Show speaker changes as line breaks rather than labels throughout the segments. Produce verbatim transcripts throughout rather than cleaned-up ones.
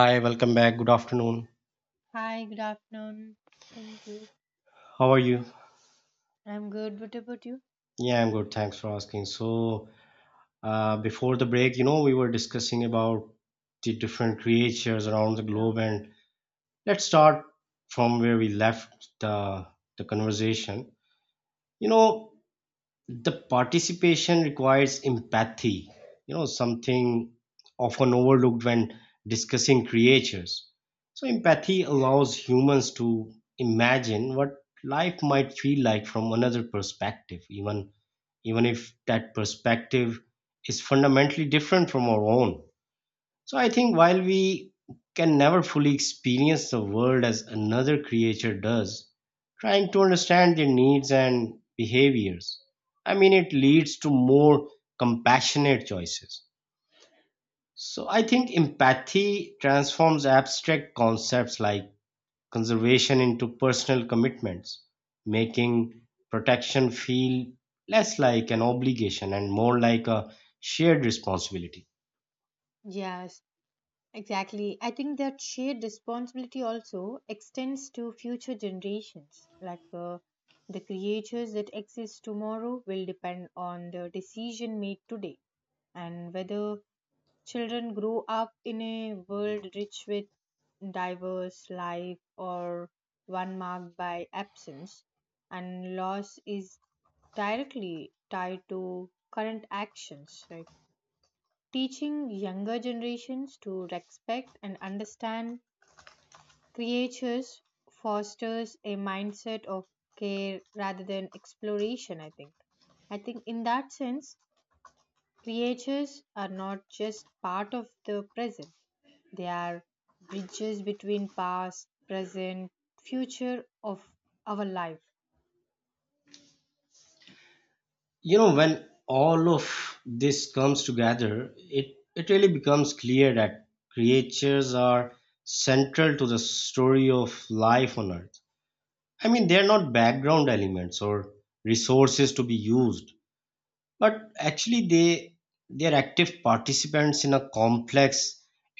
Hi, welcome back. Good afternoon.
Hi, good afternoon. Thank you.
How are you?
I'm good. What about you?
Yeah, I'm good. Thanks for asking. So, uh, before the break, you know, we were discussing about the different creatures around the
Yeah.
globe, and let's start from where we left the the conversation. You know, the participation requires empathy, you know something often overlooked when discussing creatures. So empathy allows humans to imagine what life might feel like from another perspective, even even if that perspective is fundamentally different from our own. So I think while we can never fully experience the world as another creature does, trying to understand their needs and behaviors, I mean, it leads to more compassionate choices. So I think empathy transforms abstract concepts like conservation into personal commitments, making protection feel less like an obligation and more like a shared responsibility.
Yes, exactly. I think that shared responsibility also extends to future generations. Like uh, the creatures that exist tomorrow will depend on the decision made today, and whether children grow up in a world rich with diverse life or one marked by absence and loss is directly tied to current actions, right? Teaching younger generations to respect and understand creatures fosters a mindset of care rather than exploration, I think. I think in that sense, creatures are not just part of the present, they are bridges between past, present, future of our life.
You know when all of this comes together, it it really becomes clear that creatures are central to the story of life on earth. I mean they are not background elements or resources to be used, but actually they they are active participants in a complex,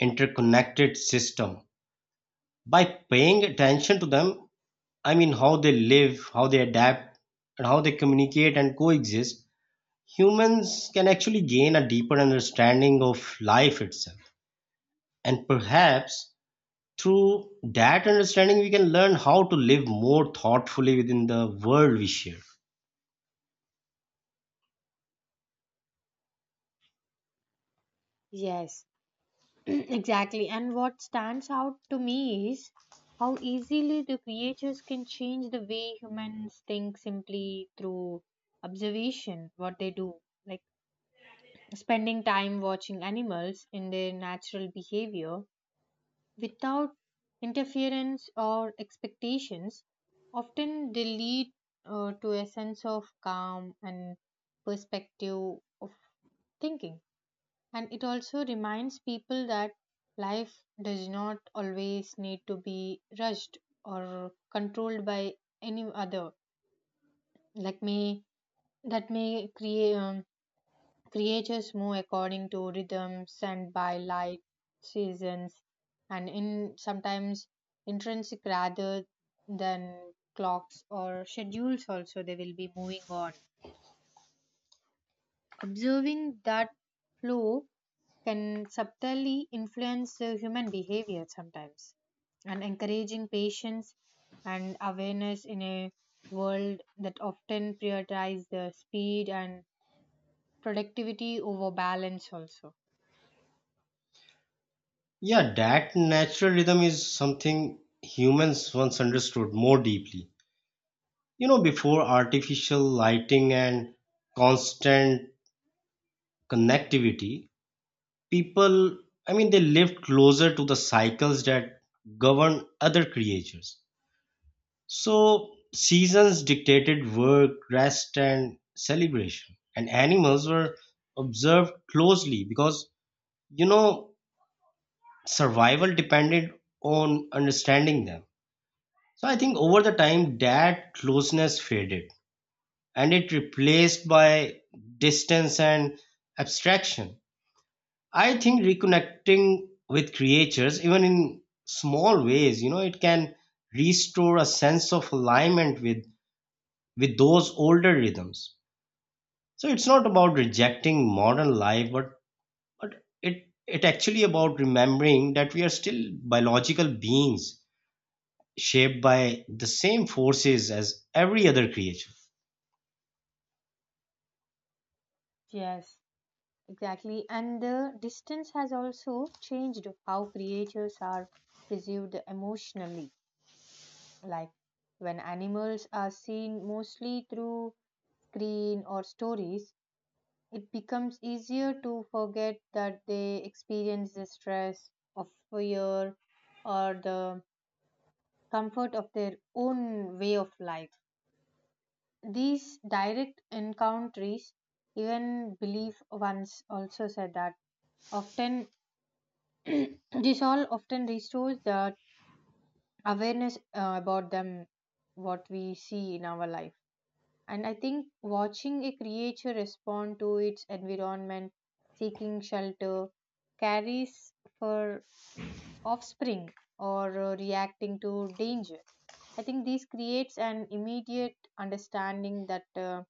interconnected system. By paying attention to them, i mean how they live, how they adapt, and how they communicate and coexist, humans can actually gain a deeper understanding of life itself. And perhaps through that understanding, we can learn how to live more thoughtfully within the world we share.
Yes, exactly. And what stands out to me is how easily the creatures can change the way humans think simply through observation, what they do. Like spending time watching animals in their natural behavior without interference or expectations, often they lead uh, to a sense of calm and perspective of thinking. And it also reminds people that life does not always need to be rushed or controlled by any other. Like may that may create um, creatures move according to rhythms and by light, seasons, and in sometimes intrinsic rather than clocks or schedules, also they will be moving on observing that flow, can subtly influence the human behavior sometimes and encouraging patience and awareness in a world that often prioritizes the speed and productivity over balance also.
Yeah, that natural rhythm is something humans once understood more deeply. You know, before artificial lighting and constant connectivity, people, I mean, they lived closer to the cycles that govern other creatures. So seasons dictated work, rest, and celebration. And animals were observed closely because, you know, survival depended on understanding them. So I think over the time that closeness faded and it replaced by distance and abstraction. I think reconnecting with creatures, even in small ways, you know, it can restore a sense of alignment with with those older rhythms. So it's not about rejecting modern life, but but it it actually about remembering that we are still biological beings shaped by the same forces as every other creature.
Yes, exactly. And the distance has also changed how creatures are perceived emotionally, like when animals are seen mostly through screen or stories. It becomes easier to forget that they experience the stress of fear or the comfort of their own way of life. These direct encounters, even belief once also said that often, this all often restores the awareness uh, about them, what we see in our life. And I think watching a creature respond to its environment, seeking shelter, carries for offspring, or uh, reacting to danger. I think this creates an immediate understanding that uh,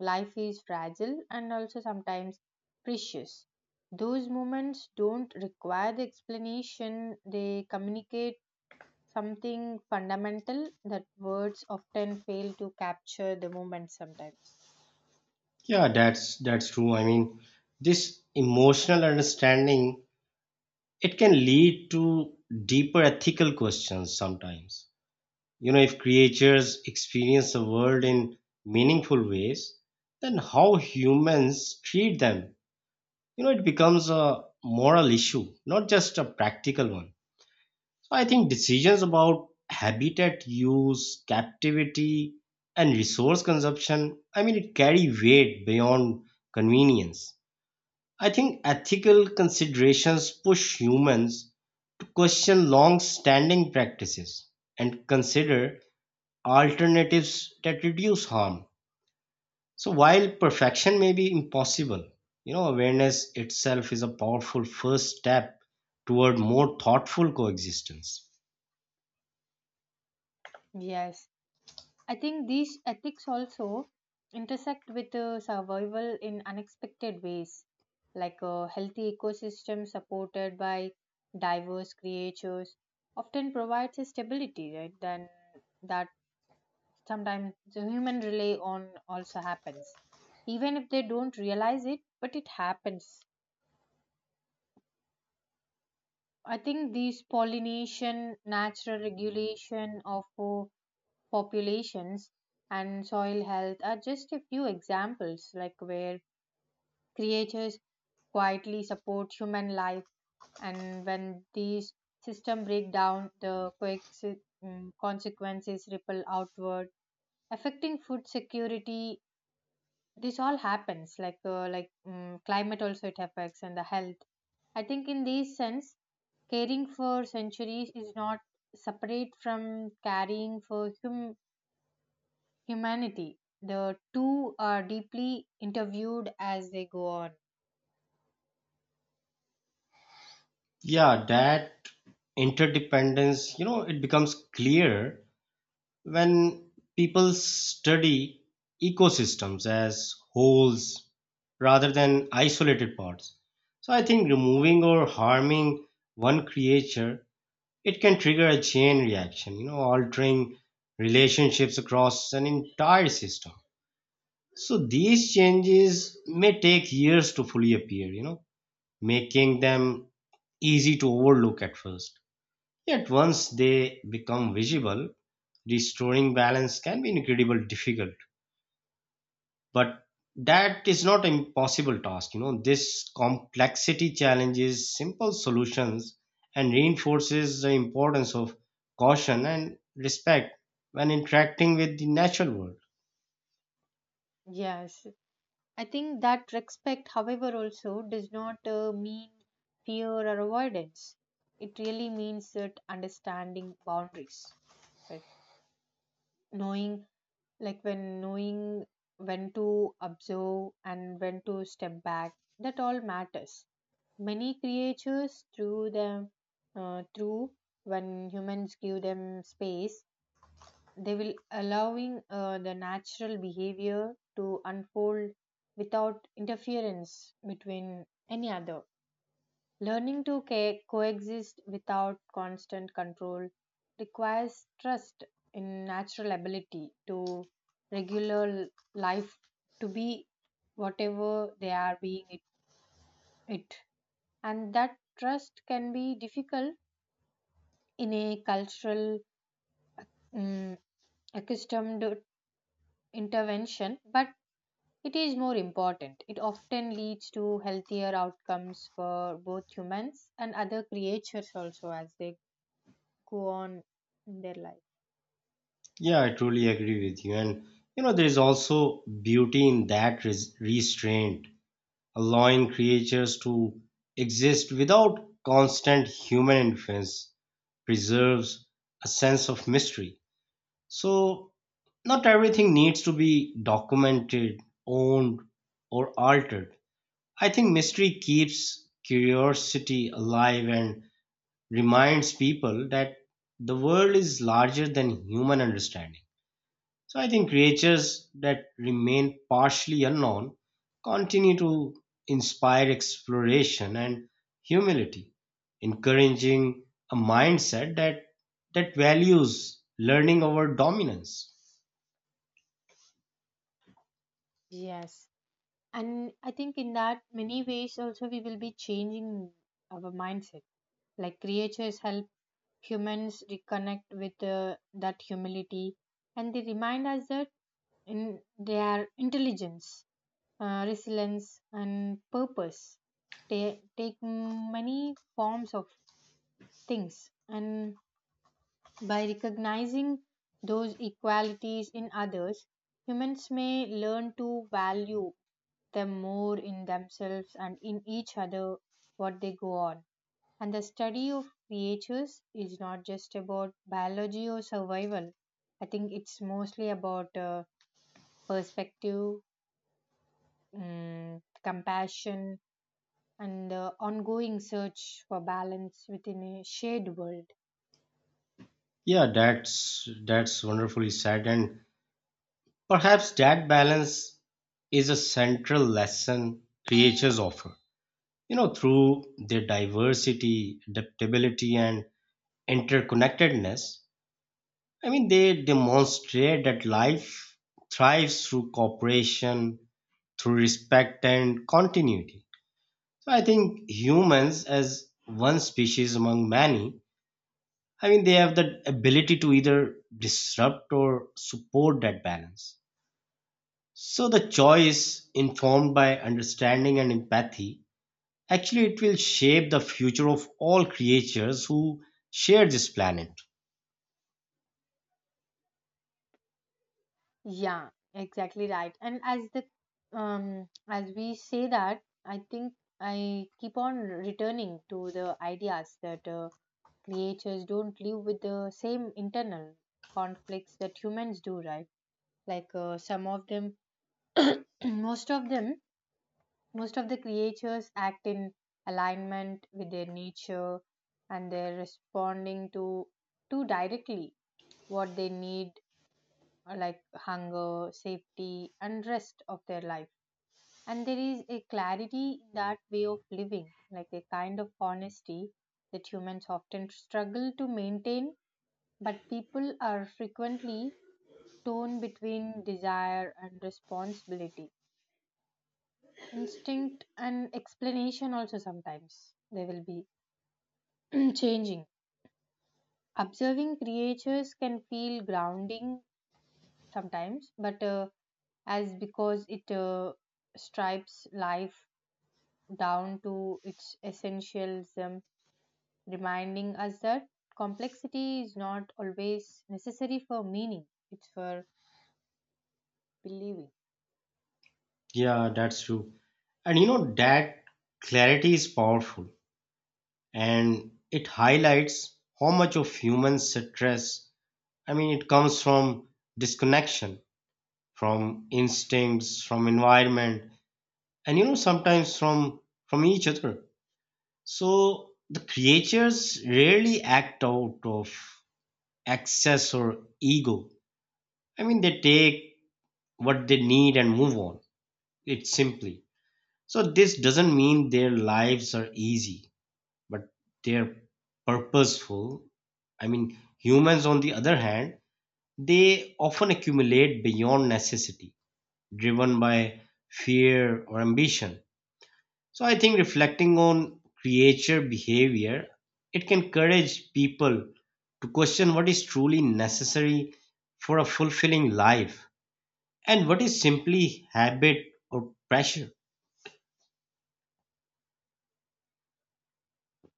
life is fragile and also sometimes precious. Those moments don't require the explanation, they communicate something fundamental that words often fail to capture the moment sometimes.
Yeah, that's that's true. I mean, this emotional understanding, it can lead to deeper ethical questions sometimes. You know, if creatures experience the world in meaningful ways, then how humans treat them, you know it becomes a moral issue, not just a practical one. So I think decisions about habitat use, captivity, and resource consumption, i mean it carry weight beyond convenience. I think ethical considerations push humans to question long standing practices and consider alternatives that reduce harm. So while perfection may be impossible, you know, awareness itself is a powerful first step toward more thoughtful coexistence.
Yes, I think these ethics also intersect with uh, survival in unexpected ways, like a healthy ecosystem supported by diverse creatures often provides a stability, right? Then that sometimes the human rely on also happens, even if they don't realize it, but it happens. I think these pollination, natural regulation of uh, populations, and soil health are just a few examples, like where creatures quietly support human life, and when these systems break down, the quick mm, consequences ripple outward, affecting food security. This all happens, like uh, like mm climate also it affects and the health. I think in this sense, caring for centuries is not separate from caring for hum- humanity. The two are deeply interviewed as they go on.
Yeah, that interdependence, you know, it becomes clear when people study ecosystems as wholes rather than isolated parts. So I think removing or harming one creature, it can trigger a chain reaction, you know, altering relationships across an entire system. So these changes may take years to fully appear, you know, making them easy to overlook at first. Yet once they become visible, restoring balance can be incredibly difficult. But that is not an impossible task. You know this complexity challenges simple solutions and reinforces the importance of caution and respect when interacting with the natural world.
Yes, I think that respect, however, also does not uh, mean fear or avoidance. It really means that understanding boundaries, like knowing, like when knowing when to observe and when to step back. That all matters. Many creatures through them, uh, through when humans give them space, they will allowing uh, the natural behavior to unfold without interference between any other. Learning to ca- coexist without constant control requires trust in natural ability to regular l- life to be whatever they are being it, it. And that trust can be difficult in a cultural mm accustomed intervention, but it is more important. It often leads to healthier outcomes for both humans and other creatures also as they go on in their life.
Yeah, I truly agree with you. And you know there is also beauty in that res- restraint. Allowing creatures to exist without constant human influence preserves a sense of mystery. So not everything needs to be documented, owned, or altered. I think mystery keeps curiosity alive and reminds people that the world is larger than human understanding. So I think creatures that remain partially unknown continue to inspire exploration and humility, encouraging a mindset that that values learning over dominance.
Yes. And I think in that many ways also we will be changing our mindset. Like creatures help humans reconnect with uh, that humility, and they remind us that in their intelligence, uh, resilience and purpose they take many forms of things. And by recognizing those equalities in others, humans may learn to value them more in themselves and in each other what they go on. And the study of creatures is not just about biology or survival. I think it's mostly about uh, perspective, mm, compassion, and the ongoing search for balance within a shared world.
Yeah, that's that's wonderfully said, and perhaps that balance is a central lesson creatures offer. You know, through their diversity, adaptability, and interconnectedness. I mean, they demonstrate that life thrives through cooperation, through respect and continuity. So I think humans, as one species among many, I mean, they have the ability to either disrupt or support that balance. So the choice, informed by understanding and empathy, actually it will shape the future of all creatures who share this planet.
Yeah, exactly right. And as the um as we say that, I think I keep on returning to the ideas that uh, creatures don't live with the same internal conflicts that humans do, right? Like uh, some of them, most of them, most of the creatures act in alignment with their nature, and they're responding to too directly what they need, uh, like hunger, safety, and rest of their life. And there is a clarity in that way of living, like a kind of honesty that humans often struggle to maintain, but people are frequently torn between desire and responsibility. Instinct and explanation, also sometimes they will be changing. Observing creatures can feel grounding sometimes, but uh, as because it uh, stripes life down to its essentialism, reminding us that complexity is not always necessary for meaning, it's for believing.
Yeah, that's true. And you know that clarity is powerful, and it highlights how much of human stress, I mean, it comes from disconnection, from instincts, from environment, and you know sometimes from from each other. So the creatures rarely act out of excess or ego. I mean they take what they need and move on. It's simply. So this doesn't mean their lives are easy, but they're purposeful. i mean Humans, on the other hand, they often accumulate beyond necessity, driven by fear or ambition. So I think reflecting on creature behavior, it can encourage people to question what is truly necessary for a fulfilling life and what is simply habit or pressure.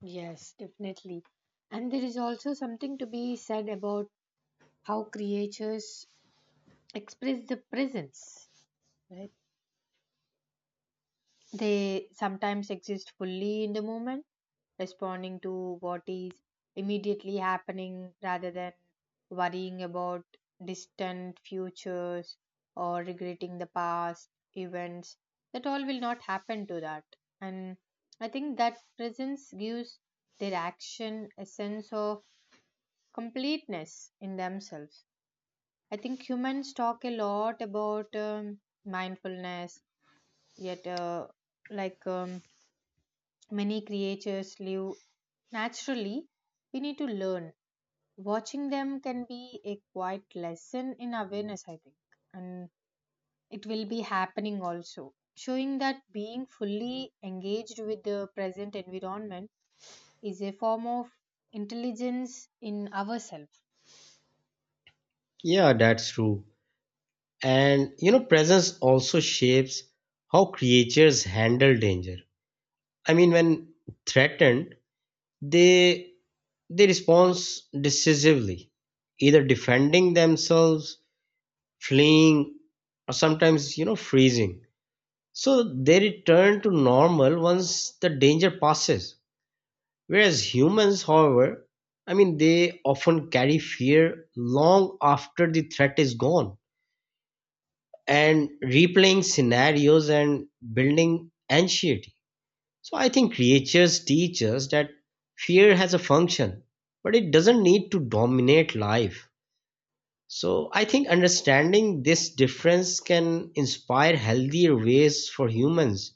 Yes, definitely. And there is also something to be said about how creatures express the presence, right? They sometimes exist fully in the moment, responding to what is immediately happening rather than worrying about distant futures or regretting the past events that all will not happen to that. And I think that presence gives their action a sense of completeness in themselves. I think humans talk a lot about um, mindfulness, yet uh, like um, many creatures live naturally. We need to learn. Watching them can be a quiet lesson in awareness, I think. And it will be happening, also showing that being fully engaged with the present environment is a form of intelligence in ourselves.
Yeah, that's true. And you know, presence also shapes how creatures handle danger. I mean, when threatened, they they respond decisively, either defending themselves, fleeing, or sometimes you know freezing. So they return to normal once the danger passes. Whereas humans, however, i mean they often carry fear long after the threat is gone, and replaying scenarios and building anxiety. So I think creatures teach us that fear has a function, but it doesn't need to dominate life. So I think understanding this difference can inspire healthier ways for humans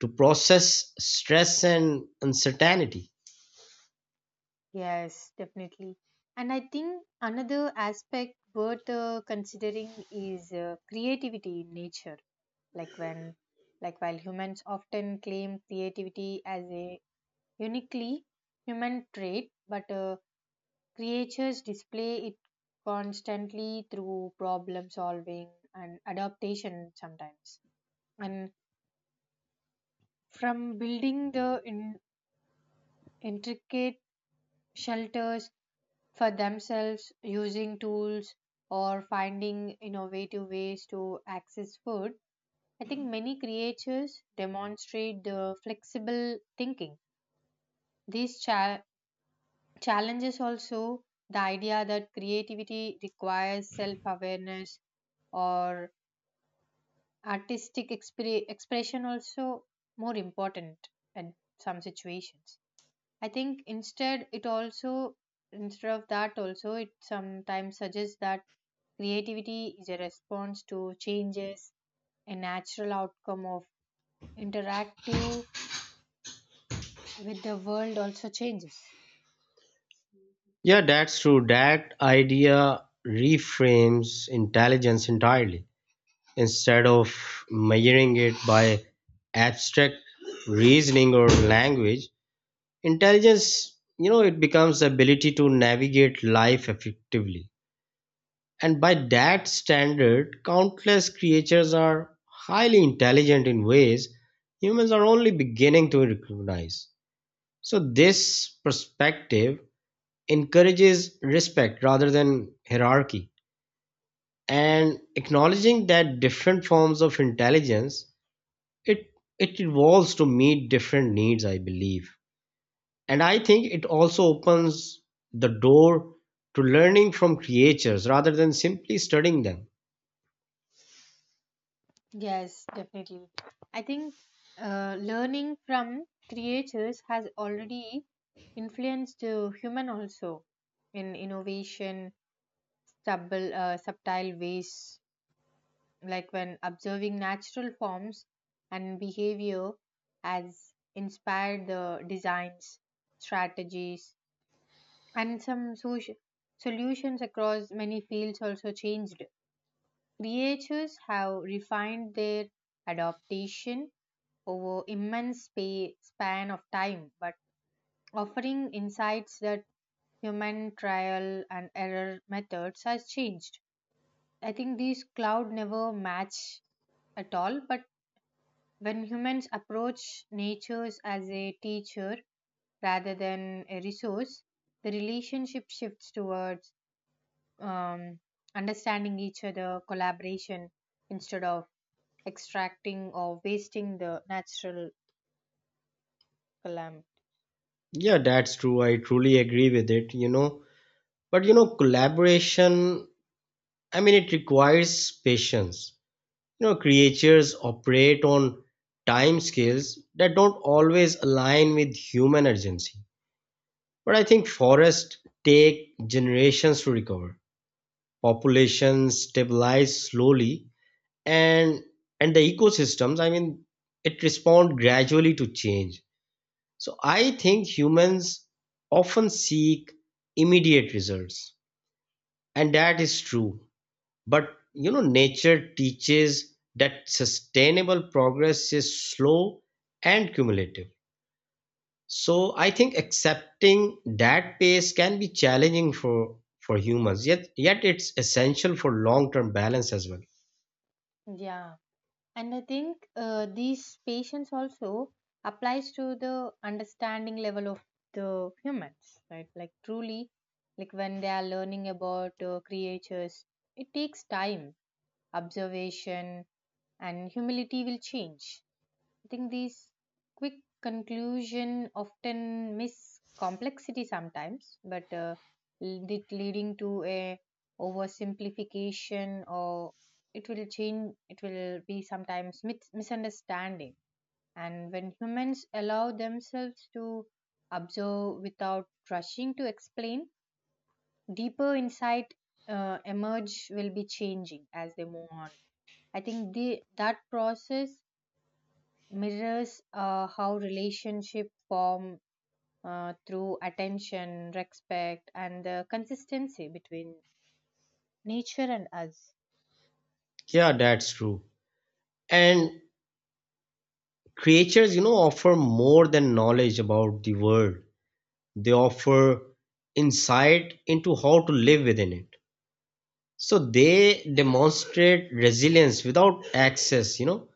to process stress and uncertainty.
Yes, definitely. And I think another aspect worth uh, considering is uh, creativity in nature. Like when like While humans often claim creativity as a uniquely human trait, but uh, creatures display it constantly through problem solving and adaptation sometimes. And from building the in- intricate shelters for themselves, using tools or finding innovative ways to access food, I think many creatures demonstrate the flexible thinking. These cha- challenges also the idea that creativity requires self awareness or artistic expre- expression, also more important in some situations. I think instead it also, instead of that also, it sometimes suggests that creativity is a response to changes, a natural outcome of interactive with the world also changes.
Yeah, that's true. That idea reframes intelligence entirely. Instead of measuring it by abstract reasoning or language, intelligence, you know, it becomes the ability to navigate life effectively. And by that standard, countless creatures are highly intelligent in ways humans are only beginning to recognize. So this perspective encourages respect rather than hierarchy. And acknowledging that different forms of intelligence, it, it evolves to meet different needs, I believe. And I think it also opens the door to learning from creatures rather than simply studying them.
Yes, definitely. I think uh, learning from creators has already influenced the human also in innovation subtle, uh, subtle ways, like when observing natural forms and behavior has inspired the designs, strategies, and some soci- solutions across many fields also changed. Creators have refined their adaptation over immense spa- span of time, but offering insights that human trial and error methods has changed. I think these cloud never match at all, but when humans approach nature as a teacher rather than a resource, the relationship shifts towards um, understanding each other, collaboration, instead of extracting or wasting the natural calamity.
Yeah, that's true. I truly agree with it, you know. But you know, collaboration, I mean, it requires patience. You know, creatures operate on time scales that don't always align with human urgency. But I think forests take generations to recover. Populations stabilize slowly and and the ecosystems, I mean, it respond gradually to change. So I think humans often seek immediate results, and that is true. But you know, nature teaches that sustainable progress is slow and cumulative. So I think accepting that pace can be challenging for for humans. Yet, yet it's essential for long-term balance as well.
Yeah, and I think uh, these patients also applies to the understanding level of the humans, right? Like truly, like when they are learning about uh, creatures, it takes time, observation, and humility will change. I think these quick conclusion often miss complexity sometimes, but uh, it leading to a oversimplification or it will change. It will be sometimes mis- misunderstanding. And when humans allow themselves to observe without rushing to explain, deeper insight uh, emerge will be changing as they move on. I think the that process mirrors uh, how relationship form uh, through attention, respect, and the consistency between nature and us.
Yeah, that's true. And creatures, you know, offer more than knowledge about the world. They offer insight into how to live within it. So they demonstrate resilience without access, you know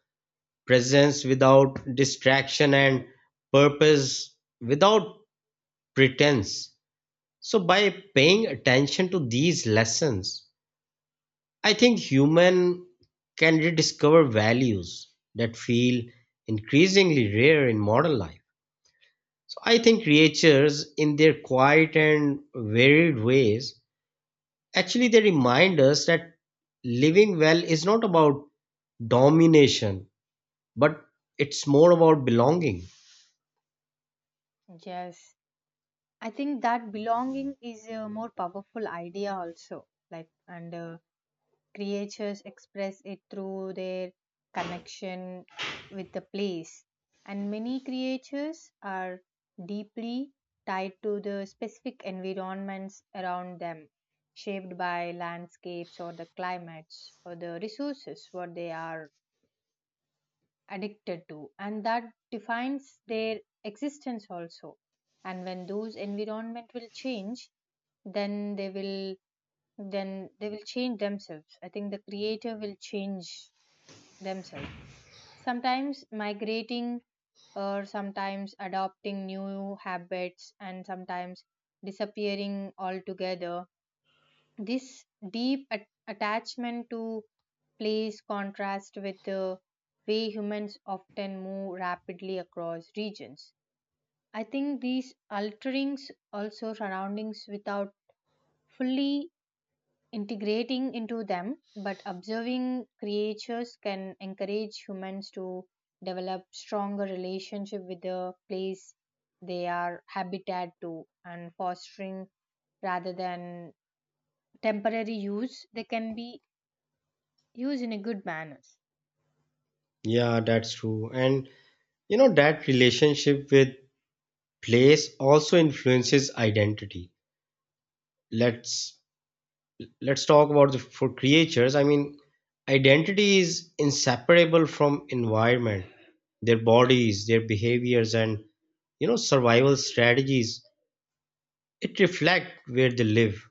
presence without distraction, and purpose without pretense. So by paying attention to these lessons, I think human can rediscover values that feel increasingly rare in modern life. So I think creatures, in their quiet and varied ways, actually they remind us that living well is not about domination, but it's more about belonging.
Yes, I think that belonging is a more powerful idea also. Like and uh, Creatures express it through their connection with the place, and many creatures are deeply tied to the specific environments around them, shaped by landscapes or the climates or the resources what they are addicted to, and that defines their existence also. And when those environment will change, then they will then they will change themselves. I think the creator will change themselves. Sometimes migrating, or sometimes adopting new habits, and sometimes disappearing altogether. This deep at- attachment to place contrasts with the way humans often move rapidly across regions. I think these alterings also surroundings without fully integrating into them, but observing creatures can encourage humans to develop stronger relationship with the place they are habitat to, and fostering rather than temporary use, they can be used in a good manners.
Yeah, that's true. And you know, that relationship with place also influences identity. Let's let's talk about the for creatures. I mean, identity is inseparable from environment, their bodies, their behaviors, and you know, survival strategies. It reflect where they live.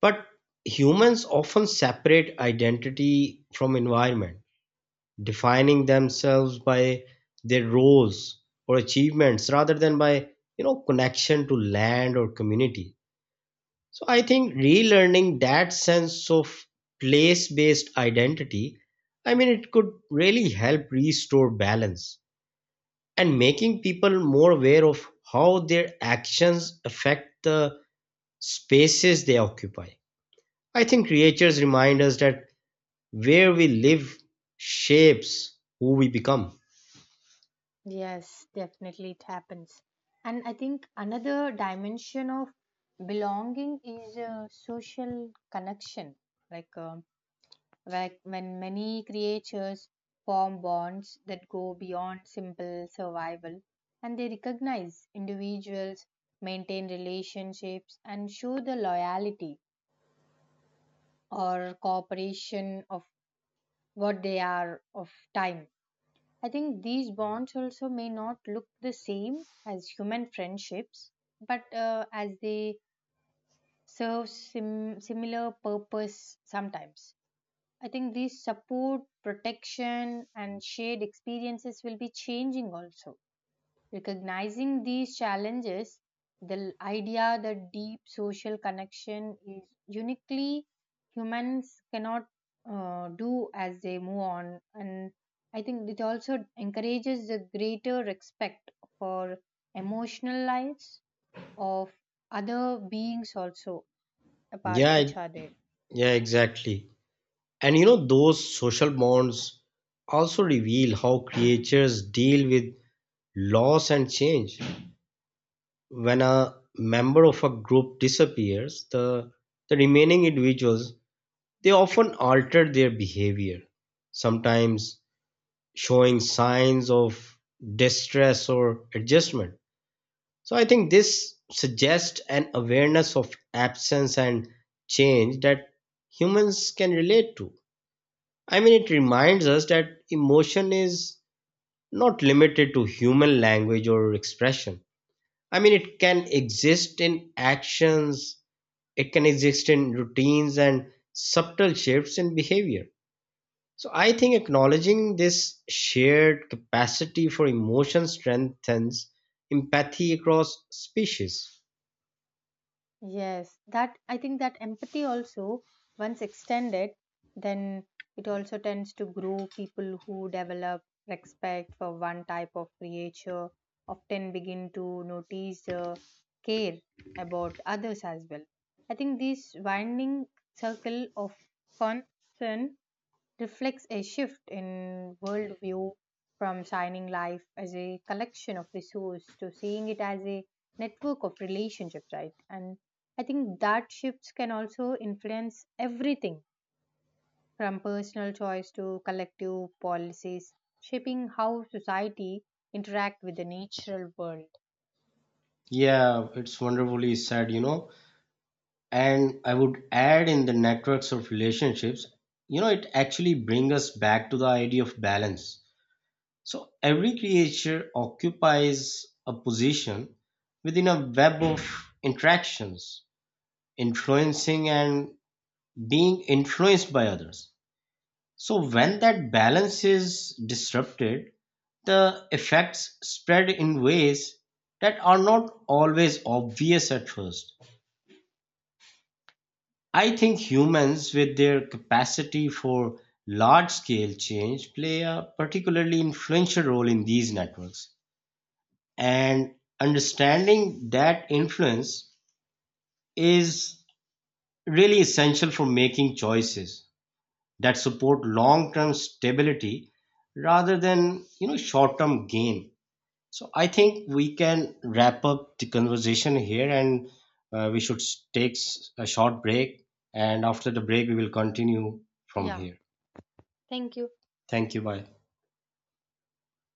But humans often separate identity from environment, defining themselves by their roles or achievements rather than by, you know, connection to land or community. So I think relearning that sense of place-based identity, I mean, it could really help restore balance and making people more aware of how their actions affect the spaces they occupy. I think creatures remind us that where we live shapes who we become.
Yes, definitely, it happens. And I think another dimension of belonging is a social connection, like um, like when many creatures form bonds that go beyond simple survival, and they recognize individuals, maintain relationships, and show the loyalty or cooperation of what they are of time. I think these bonds also may not look the same as human friendships, but uh, as they serve sim- similar purpose sometimes. I think these support, protection, and shared experiences will be changing also. Recognizing these challenges, the idea that deep social connection is uniquely humans cannot uh, do as they move on. And I think it also encourages the greater respect for emotional lives of other beings also apart
Yeah,
which are there.
yeah, exactly. And you know, those social bonds also reveal how creatures deal with loss and change. When a member of a group disappears, the, the remaining individuals, they often alter their behavior, sometimes showing signs of distress or adjustment. So I think this suggests an awareness of absence and change that humans can relate to. I mean, it reminds us that emotion is not limited to human language or expression. I mean, it can exist in actions, it can exist in routines and subtle shifts in behavior. So I think acknowledging this shared capacity for emotion strengthens empathy across species.
Yes, that I think that empathy also, once extended, then it also tends to grow. People who develop respect for one type of creature often begin to notice, uh, care about others as well. I think this winding circle of concern reflects a shift in worldview, from signing life as a collection of resources to seeing it as a network of relationships, right? And I think that shifts can also influence everything from personal choice to collective policies, shaping how society interact with the natural world.
Yeah, it's wonderfully said, you know. And I would add in the networks of relationships, you know, it actually brings us back to the idea of balance. So every creature occupies a position within a web of interactions, influencing and being influenced by others. So when that balance is disrupted, the effects spread in ways that are not always obvious at first. I think humans, with their capacity for large scale change, play a particularly influential role in these networks. And understanding that influence is really essential for making choices that support long term stability rather than you know short term gain. So I think we can wrap up the conversation here, and uh, we should s- take s- a short break. And after the break, we will continue from
Yeah,
here.
thank you.
Thank you. Bye.